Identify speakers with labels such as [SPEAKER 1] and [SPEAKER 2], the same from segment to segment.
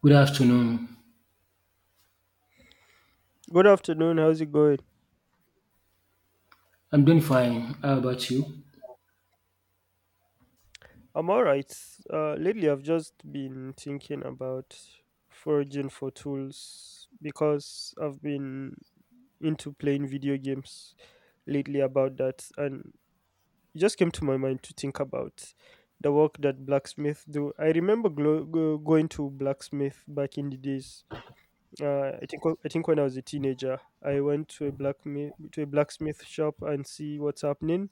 [SPEAKER 1] Good afternoon.
[SPEAKER 2] Good afternoon. How's it going?
[SPEAKER 1] I'm doing fine. How about you?
[SPEAKER 2] I'm all right. Lately, I've just been thinking about foraging for tools because I've been into playing video games lately about that, and it just came to my mind to think about the work that blacksmith do. I remember going to blacksmith back in the days. I think when I was a teenager, I went to a blacksmith shop and see what's happening.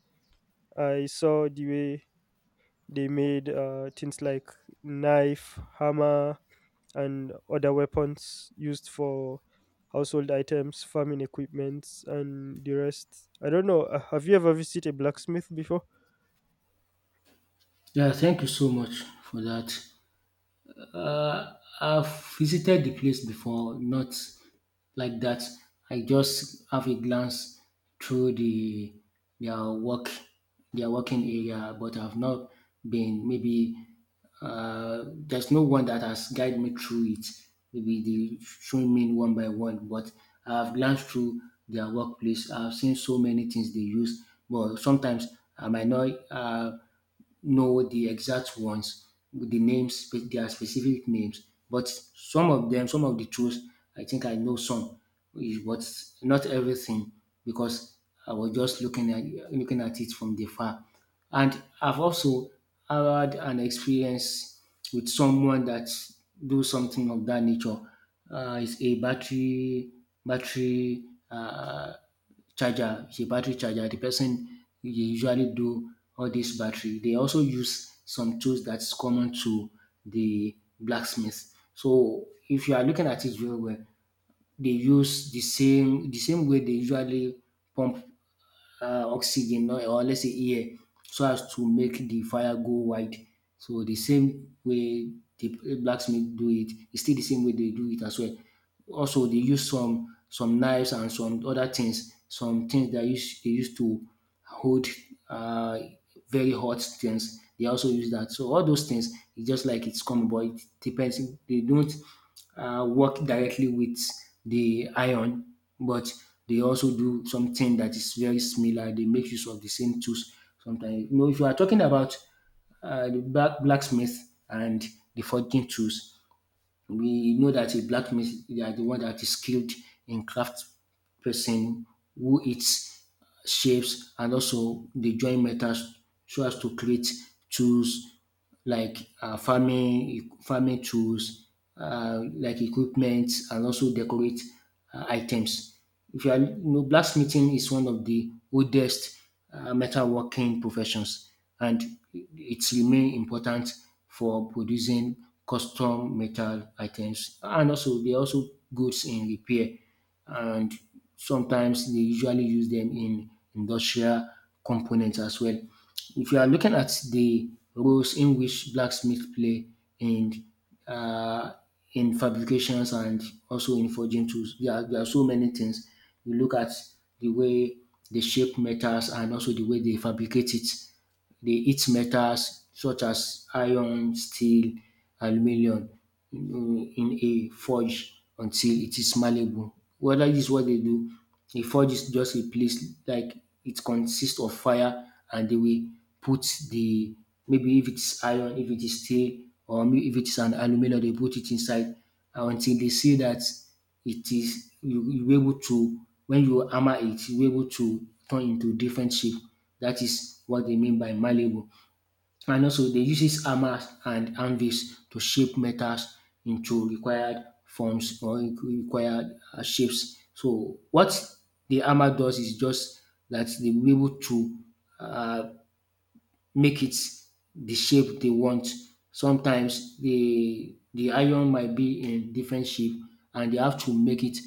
[SPEAKER 2] I saw the way they made things like knife, hammer, and other weapons used for household items, farming equipments, and the rest. I don't know. Have you ever visited a blacksmith before?
[SPEAKER 1] Yeah, thank you so much for that. I've visited the place before, not like that. I just have a glance through the their work, their working area, but I've not been maybe there's no one that has guided me through it. Maybe they showing me one by one, but I've glanced through their workplace. I've seen so many things they use, but sometimes I might not. Know the exact ones, the names, their specific names. But some of them, some of the truths, I think I know some, but not everything because I was just looking at it from the far. And I've also had an experience with someone that do something of that nature. It's a battery charger, is a battery charger. The person they usually do all this battery. They also use some tools that's common to the blacksmith. So if you are looking at it very well, they use the same way they usually pump oxygen, no, or let's say air so as to make the fire go wide. So the same way the blacksmith do it, it's still the same way they do it as well. Also, they use some knives and some other things, some things that use they use to hold uh, very hot things. They also use that. So all those things, it's just like it's common, but it depends. They don't work directly with the iron, but they also do something that is very similar. They make use of the same tools sometimes. You know, if you are talking about the blacksmith and the forging tools, we know that a blacksmith, they are the one that is skilled in craft person who eats shapes and also they join metals so as to create tools like farming tools, like equipment, and also decorate items. If you are, you know, blacksmithing is one of the oldest metalworking professions, and it remains important for producing custom metal items, and also they are also goods in repair, and sometimes they usually use them in industrial components as well. If you are looking at the roles in which blacksmith play in uh, in fabrications and also in forging tools. There are so many things. You look at the way they shape metals and also the way they fabricate it. They eat metals such as iron, steel, aluminum in a forge until it is malleable. Well, that is what they do. A forge is just a place like it consists of fire, and they will put the, maybe if it's iron, if it is steel or if it is an aluminum, they put it inside until they see that it is, you be able to, when you hammer it, you be able to turn into different shape. That is what they mean by malleable. And also they uses hammers and anvils to shape metals into required forms or required shapes. So what the hammer does is just that they will be able to uh, make it the shape they want. Sometimes the iron might be in different shape, and they have to make it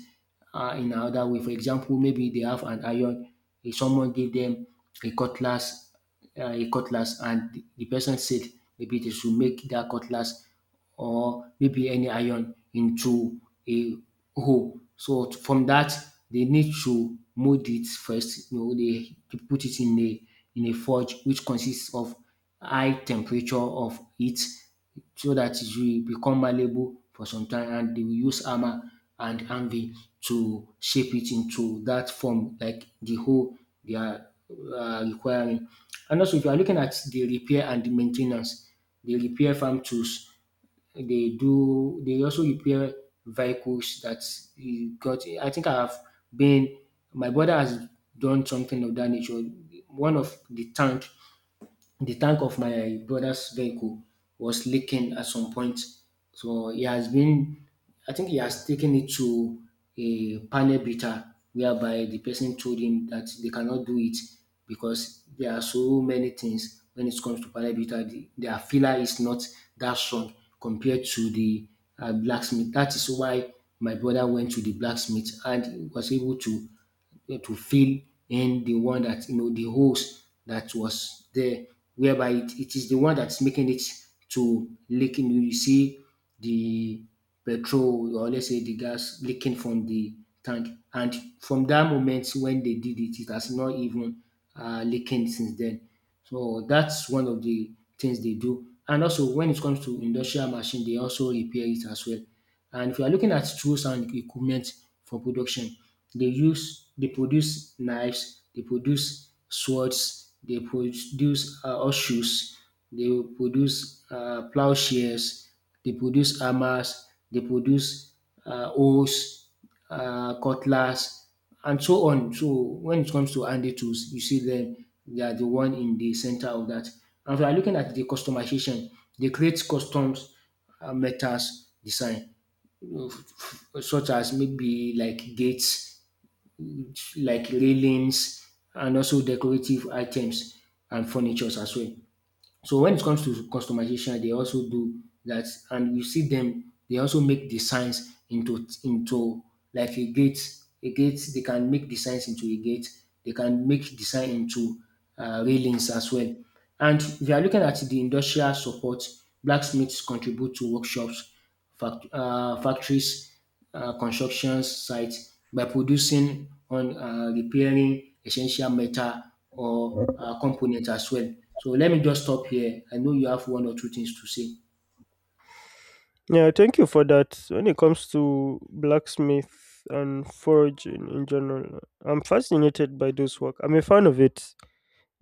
[SPEAKER 1] in another way. For example, maybe they have an iron, if someone gave them a cutlass, a cutlass, and the person said maybe they should make that cutlass or maybe any iron into a hole. So from that they need to mold it first, you know, they put it in a forge which consists of high temperature of heat so that it will become malleable for some time, and they will use hammer and anvil to shape it into that form like the hole they are requiring. And also if you are looking at the repair and the maintenance, the repair farm tools they do. They also repair vehicles that he got. I think I have been. My brother has done something of that nature. One of the tank of my brother's vehicle was leaking at some point. So he has been, I think he has taken it to a panel beater whereby the person told him that they cannot do it because there are so many things when it comes to panel beater. The, their filler is not that strong compared to the blacksmith. That is why my brother went to the blacksmith and was able to fill in the one that, you know, the holes that was there, whereby it is the one that's making it to leaking. You know, you see the petrol, or let's say the gas leaking from the tank, and from that moment when they did it, it has not even leaking since then. So that's one of the things they do. And also when it comes to industrial machine, they also repair it as well. And if you are looking at tools and equipment for production, they use they produce knives, they produce swords, they produce horseshoes, they produce plowshares, they produce hammers, they produce hoes, cutlass, and so on. So when it comes to handy tools, you see them, they are the one in the center of that. And if you are looking at the customization, they create customs metals design such as maybe like gates, like railings, and also decorative items and furnitures as well. So when it comes to customization, they also do that, and you see them. They also make designs into like a gate. A gate, they can make designs into a gate. They can make design into railings as well. And if you are looking at the industrial support, blacksmiths contribute to workshops, factories, construction sites by producing on, repairing essential metal or component as well. So let me just stop here. I know you have one or two things to say.
[SPEAKER 2] Yeah, thank you for that. When it comes to blacksmith and forging in general, I'm fascinated by those work. I'm a fan of it.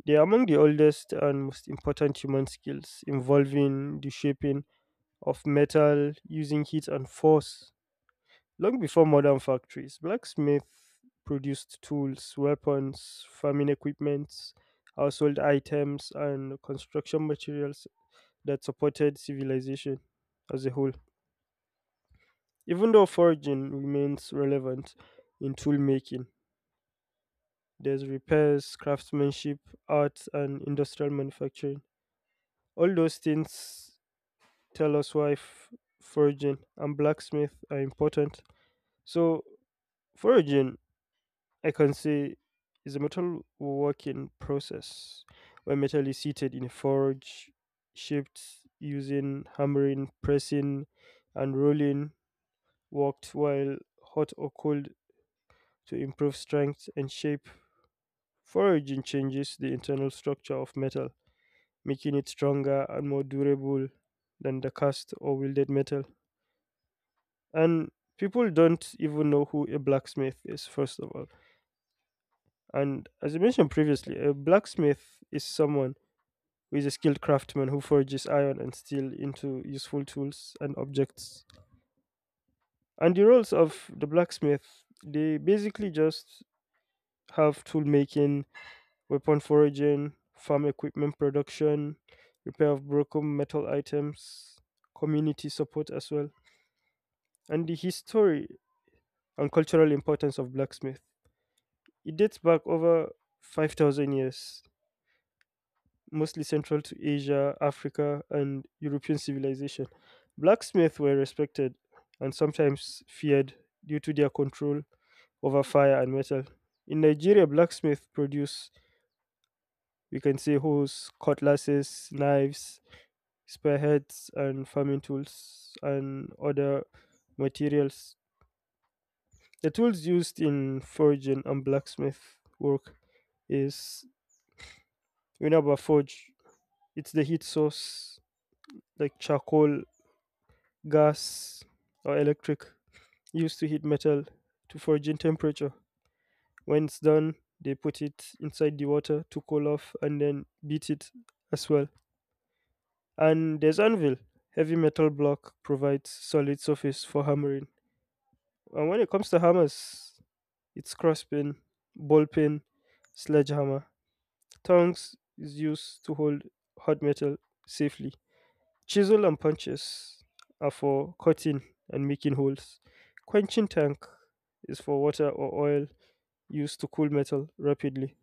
[SPEAKER 2] They are among the oldest and most important human skills, involving the shaping of metal using heat and force. Long before modern factories, blacksmith produced tools, weapons, farming equipment, household items, and construction materials that supported civilization as a whole. Even though foraging remains relevant in tool making, there's repairs, craftsmanship, art, and industrial manufacturing. All those things tell us why forging and blacksmith are important. So, forging, I can say, is a metal working process where metal is heated in a forge, shaped using hammering, pressing, and rolling, worked while hot or cold to improve strength and shape. Forging changes the internal structure of metal, making it stronger and more durable than the cast or welded metal. And people don't even know who a blacksmith is, first of all. And as I mentioned previously, a blacksmith is someone who is a skilled craftsman who forges iron and steel into useful tools and objects. And the roles of the blacksmith, they basically just have tool making, weapon foraging, farm equipment production, repair of broken metal items, community support as well, and the history and cultural importance of blacksmith. It dates back over 5,000 years, mostly central to Asia, Africa, and European civilization. Blacksmiths were respected and sometimes feared due to their control over fire and metal. In Nigeria, blacksmiths produce, we can say, hoes, cutlasses, knives, spearheads, and farming tools, and other materials. The tools used in forging and blacksmith work is we know about forge. It's the heat source, like charcoal, gas, or electric, used to heat metal to forging temperature. When it's done, they put it inside the water to cool off and then beat it as well. And there's anvil. Heavy metal block provides solid surface for hammering. And when it comes to hammers, it's crosspin, ball pin, sledgehammer. Tongs is used to hold hot metal safely. Chisel and punches are for cutting and making holes. Quenching tank is for water or oil used to cool metal rapidly.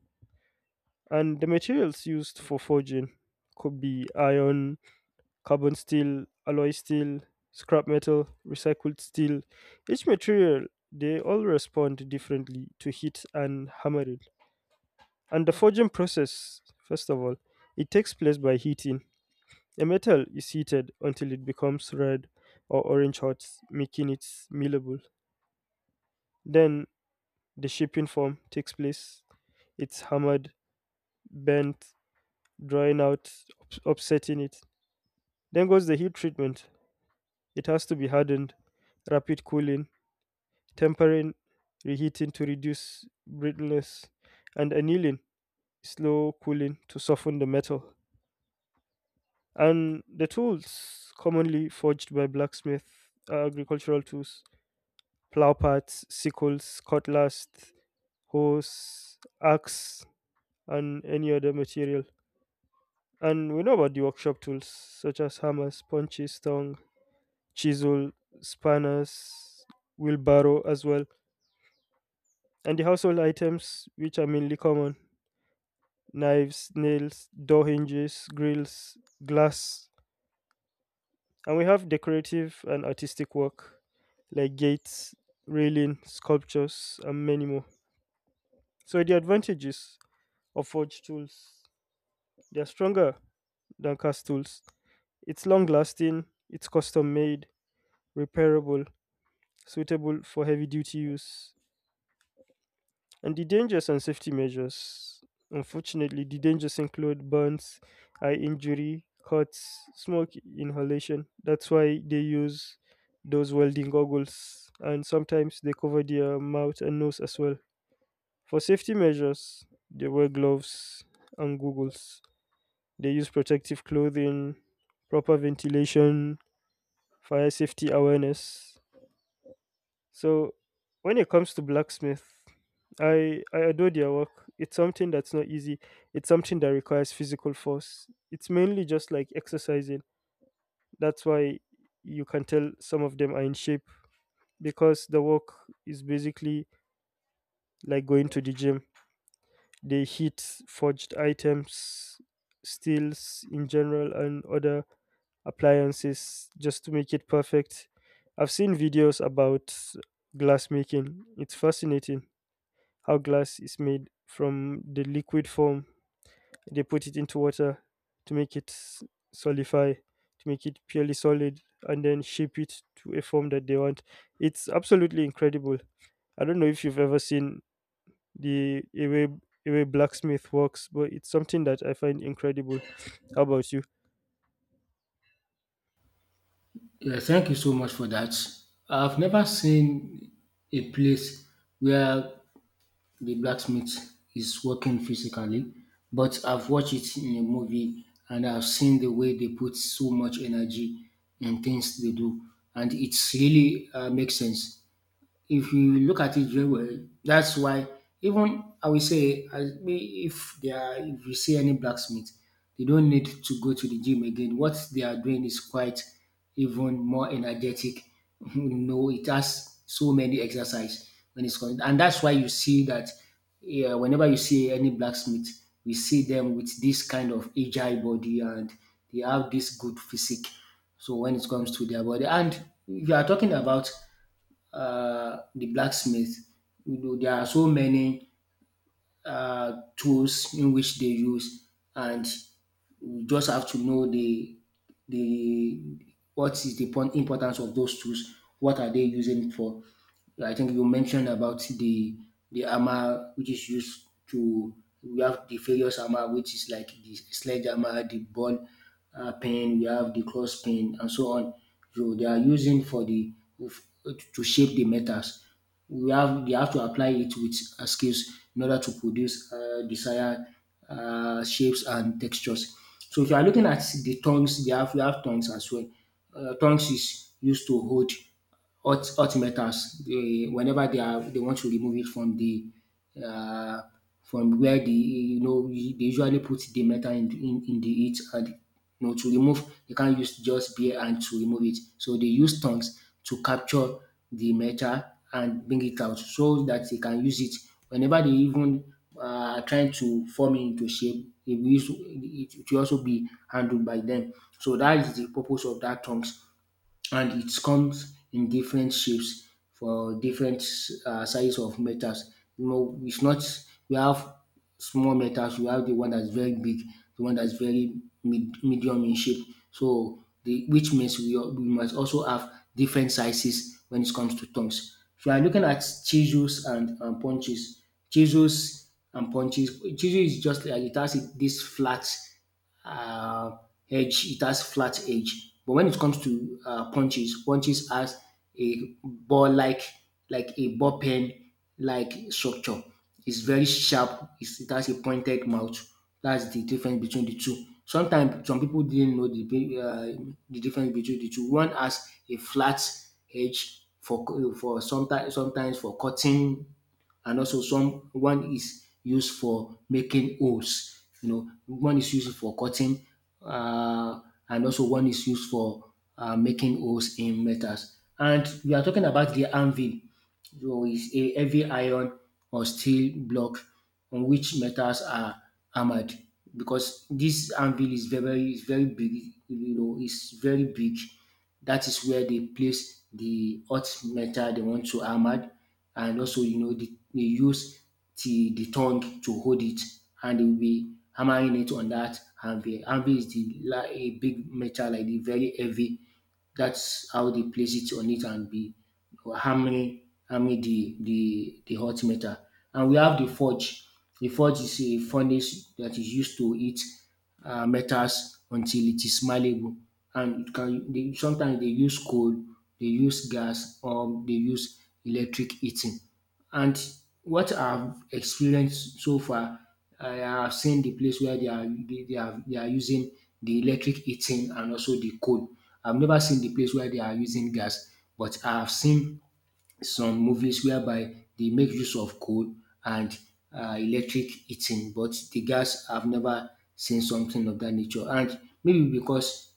[SPEAKER 2] And the materials used for forging could be iron, carbon steel, alloy steel, scrap metal, recycled steel. Each material, they all respond differently to heat and hammering. And the forging process, first of all, it takes place by heating. A metal is heated until it becomes red or orange hot, making it millable. Then the shaping form takes place. It's hammered, bent, drawing out, upsetting it. Then goes the heat treatment. It has to be hardened, rapid cooling, tempering, reheating to reduce brittleness, and annealing, slow cooling to soften the metal. And the tools commonly forged by blacksmith are agricultural tools plowparts, sickles, cutlass, hoes, axe, and any other material. And we know about the workshop tools such as hammers, punches, tongue, chisel, spanners, wheelbarrow as well. And the household items which are mainly common knives, nails, door hinges, grills, glass. And we have decorative and artistic work like gates, railing, sculptures, and many more. So the advantages or forged tools. They're stronger than cast tools. It's long lasting, it's custom made, repairable, suitable for heavy duty use. And the dangers and safety measures. Unfortunately, the dangers include burns, eye injury, cuts, smoke inhalation. That's why they use those welding goggles. And sometimes they cover their mouth and nose as well. For safety measures, they wear gloves and goggles. They use protective clothing, proper ventilation, fire safety awareness. So when it comes to blacksmith, I adore their work. It's something that's not easy. It's something that requires physical force. It's mainly just like exercising. That's why you can tell some of them are in shape because the work is basically like going to the gym. They heat forged items, steels in general, and other appliances just to make it perfect. I've seen videos about glass making. It's fascinating how glass is made from the liquid form. They put it into water to make it solidify, to make it purely solid, and then shape it to a form that they want. It's absolutely incredible. I don't know if you've ever seen the a way, a way blacksmith works, but it's something that I find incredible. How about you?
[SPEAKER 1] Yeah, thank you so much for that. I've never seen a place where the blacksmith is working physically, but I've watched it in a movie and I've seen the way they put so much energy in things they do, and it's really makes sense. If you look at it very well, that's why even I will say, if they are, if you see any blacksmith, they don't need to go to the gym again. What they are doing is quite even more energetic. You know, it has so many exercise when it's going, and that's why you see that, yeah, whenever you see any blacksmith, we see them with this kind of agile body, and they have this good physique. So when it comes to their body, and if you are talking about the blacksmith. You know, there are so many tools in which they use, and you just have to know the what is the importance of those tools. What are they using for? So I think you mentioned about the hammer which is used to, we have the various hammer which is like the sledgehammer, the ball pen, we have the cross pen, and so on. So they are using for the to shape the metals. We have they have to apply it with skills in order to produce desired shapes and textures. So if you are looking at the tongues, they have we have tongues as well. Tongues is used to hold hot meters. They, whenever they are, they want to remove it from the uh, from where the, you know, they usually put the metal in the heat, and you know to remove, they can't use just bare hand to remove it. So they use tongs to capture the metal and bring it out so that they can use it whenever they even uh, are trying to form it into shape. It will, it will also be handled by them. So that is the purpose of that tongs, and it comes in different shapes for different size of metals. You know, it's not, we have small metals. We have the one that's very big, the one that's very medium in shape. So the, which means we, we must also have different sizes when it comes to tongs. If you are looking at chisels and punches, chisels and punches, chisel is just like it has this flat uh, edge. It has flat edge. But when it comes to punches has a ball-like, like a ball pen-like structure. It's very sharp. It has a pointed mouth. That's the difference between the two. Sometimes some people didn't know the the difference between the two. One has a flat edge for sometimes for cutting and also some one is used for making holes. You know, one is used for cutting, uh, and also one is used for making holes in metals. And we are talking about the anvil. So it's a heavy iron or steel block on which metals are hammered because this anvil is very big, you know, it's very big. That is where they place the hot metal they want to hammer. And also, you know, they use the tongue to hold it, and they will be hammering it on that anvil. Anvil is a big metal like the very heavy. That's how they place it on it and be hammering, hammering the hot metal. And we have the forge. The forge is a furnace that is used to heat metals until it is malleable. And it can, they, sometimes they use coal, they use gas, or they use electric heating. And what I've experienced so far, I have seen the place where they are using the electric heating and also the coal. I've never seen the place where they are using gas, but I have seen some movies whereby they make use of coal and electric heating, but the gas I've never seen something of that nature. And maybe because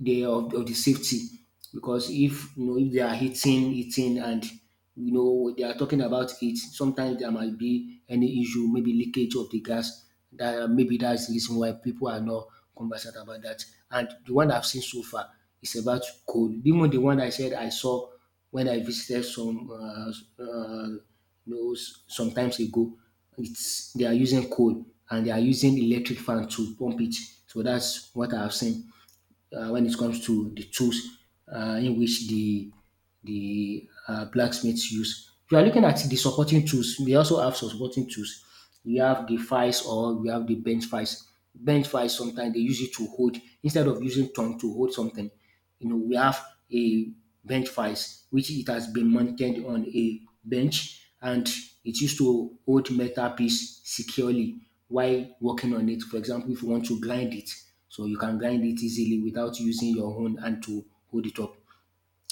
[SPEAKER 1] of the safety, because if you know, if they are hitting, hitting, and you know, they are talking about it, sometimes there might be any issue, maybe leakage of the gas. That maybe that's the reason why people are not conversant about that. And the one I've seen so far is about coal. Even the one I said I saw when I visited some uh, you sometimes ago, it's they are using coal, and they are using electric fan to pump it. So that's what I've seen when it comes to the tools in which the blacksmiths use. If you are looking at the supporting tools, we also have some supporting tools. We have the files, or we have the bench files. Bench files, sometimes they use it to hold instead of using tongue to hold something. You know, we have a bench vice, which it has been mounted on a bench, and it used to hold metal piece securely while working on it. For example, if you want to grind it, so you can grind it easily without using your own hand to hold it up.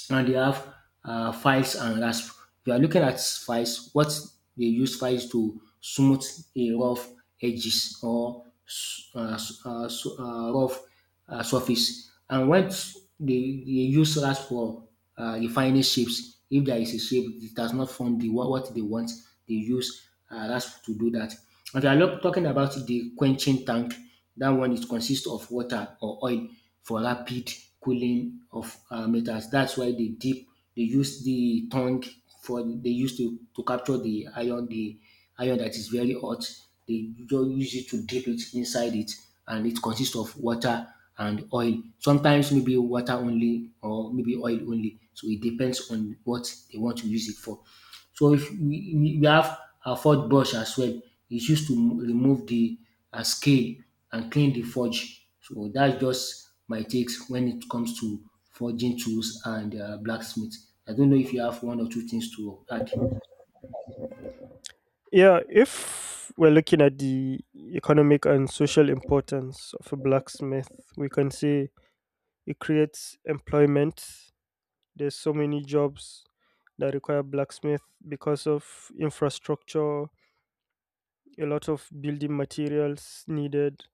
[SPEAKER 1] And they have files and rasp. We are looking at files, what they use files to smooth a rough edges or rough surface. And when they use rasp for refining shapes, if there is a shape that does not form the what they want, they use rasp to do that. And we are talking about the quenching tank. That one is consists of water or oil for rapid cooling of metals. That's why they dip, they use the tongue for, they use to capture the iron, the iron that is very hot. They just use it to dip it inside it, and it consists of water and oil. Sometimes maybe water only or maybe oil only. So it depends on what they want to use it for. So if we have a forge brush as well, it's used to remove the scale and clean the forge. So that's just my takes when it comes to forging tools and blacksmith. I don't know if you have one or two things to add.
[SPEAKER 2] Yeah, if we're looking at the economic and social importance of a blacksmith, we can say it creates employment. There's so many jobs that require blacksmith because of infrastructure, a lot of building materials needed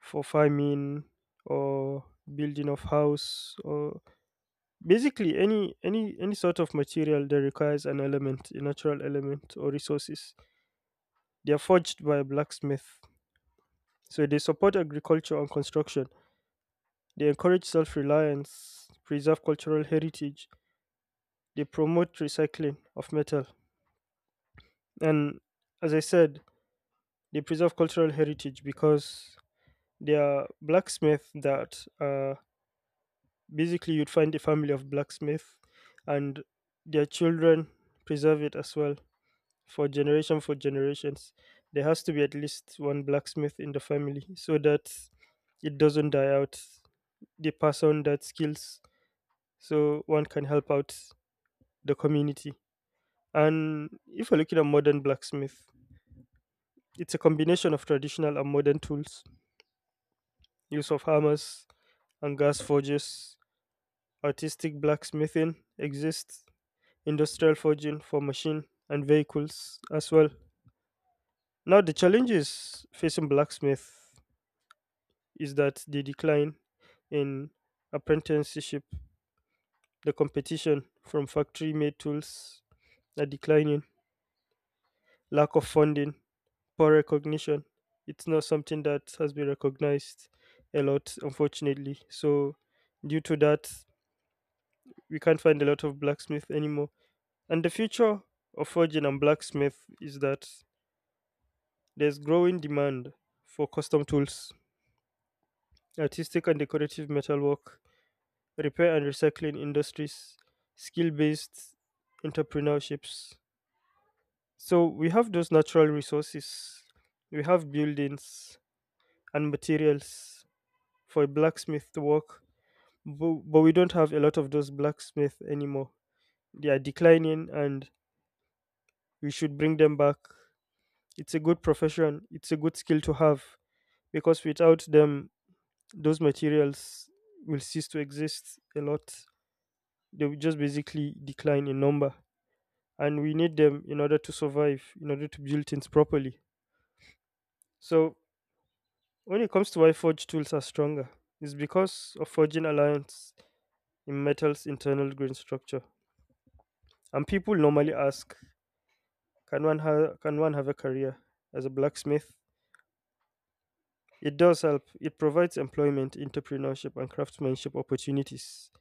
[SPEAKER 2] for farming or building of house or basically any sort of material that requires an element, a natural element or resources. They are forged by a blacksmith. So they support agriculture and construction. They encourage self reliance, preserve cultural heritage. They promote recycling of metal. And as I said, they preserve cultural heritage because they are blacksmith that basically you'd find a family of blacksmith and their children preserve it as well for generations. There has to be at least one blacksmith in the family so that it doesn't die out. They pass on that skills so one can help out the community. And if you're looking at modern blacksmith, it's a combination of traditional and modern tools, use of hammers and gas forges, artistic blacksmithing exists, industrial forging for machine and vehicles as well. Now the challenges facing blacksmith is that the decline in apprenticeship, the competition from factory made tools are declining, lack of funding, poor recognition. It's not something that has been recognized a lot, unfortunately. So, due to that, we can't find a lot of blacksmith anymore. And the future of forging and blacksmith is that there's growing demand for custom tools, artistic and decorative metalwork, repair and recycling industries, skill based entrepreneurships. So, we have those natural resources, we have buildings and materials for blacksmith work, but, we don't have a lot of those blacksmiths anymore. They are declining, and we should bring them back. It's a good profession. It's a good skill to have because without them, those materials will cease to exist a lot. They will just basically decline in number, and we need them in order to survive, in order to build things properly. So when it comes to why forge tools are stronger, it's because of forging alliance in metal's internal grain structure. And people normally ask, can one have a career as a blacksmith? It does help. It provides employment, entrepreneurship, and craftsmanship opportunities.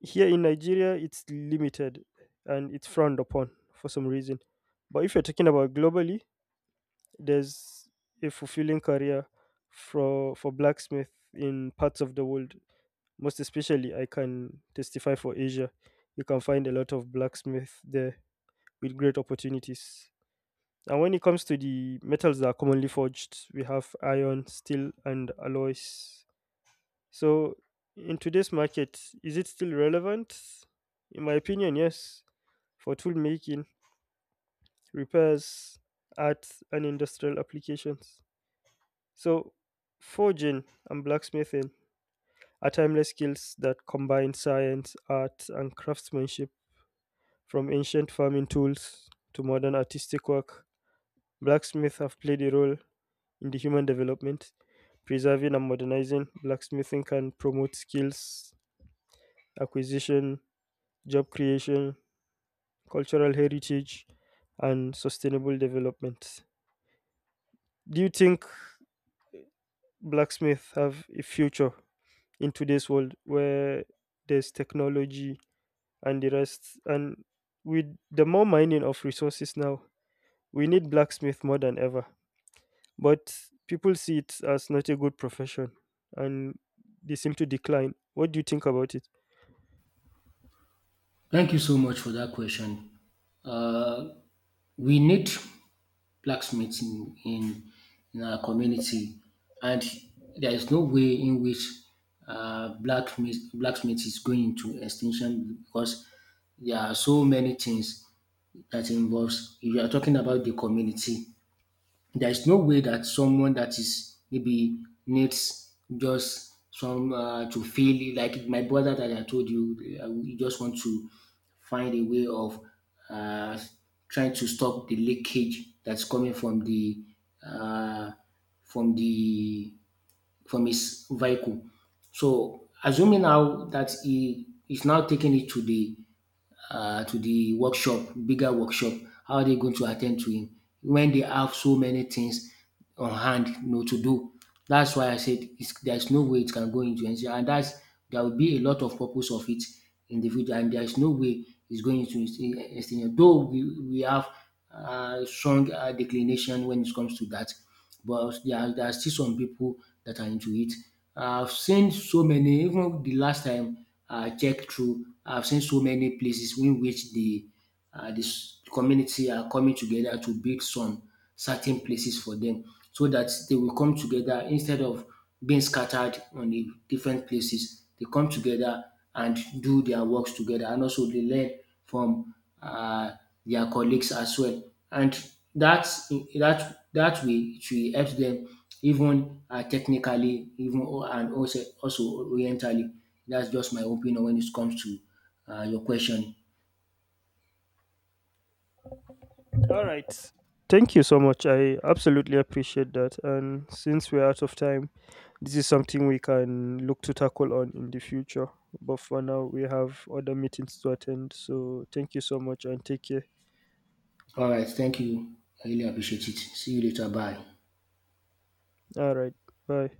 [SPEAKER 2] Here in Nigeria, it's limited and it's frowned upon for some reason. But if you're talking about globally, there's a fulfilling career for blacksmith in parts of the world. Most especially, I can testify for Asia. You can find a lot of blacksmith there with great opportunities. And when it comes to the metals that are commonly forged, we have iron, steel, and alloys. So, in today's market, is it still relevant? In my opinion, yes, for tool making, repairs, art, and industrial applications. So, forging and blacksmithing are timeless skills that combine science, art, and craftsmanship from ancient farming tools to modern artistic work. Blacksmiths have played a role in the human development. Preserving and modernizing blacksmithing can promote skills acquisition, job creation, cultural heritage, and sustainable development. Do you think blacksmiths have a future in today's world where there's technology and the rest? And with the more mining of resources now, we need blacksmith more than ever. But people see it as not a good profession and they seem to decline. What do you think about it?
[SPEAKER 1] Thank you so much for that question. Uh, we need blacksmith in our community, and there is no way in which blacksmith is going to extinction because there are so many things that involves. If you are talking about the community, there is no way that someone that is maybe needs just some to feel like my brother that I told you, we just want to find a way of uh, trying to stop the leakage that's coming from the uh, from the from his vehicle. So assuming now that he is now taking it to the bigger workshop. How are they going to attend to him when they have so many things on hand, you know, to do? That's why I said it's, there's no way it can go into NCR, and that's there will be a lot of purpose of it in the future, and there's no way it's going to extinction. Though we have strong declination when it comes to that, but there are still some people that are into it. I've seen so many, even the last time I checked through, I've seen so many places in which the this community are coming together to build some certain places for them so that they will come together instead of being scattered on the different places. They come together and do their works together, and also they learn from uh, their colleagues as well. And that's that way it will help them even technically, even and also orientally. That's just my opinion when it comes to your question.
[SPEAKER 2] All right. Thank you so much. I absolutely appreciate that. And since we're out of time, this is something we can look to tackle on in the future. But for now, we have other meetings to attend. So thank you so much and take care.
[SPEAKER 1] All right, thank you. I really appreciate it. See you later. Bye.
[SPEAKER 2] All right. Bye.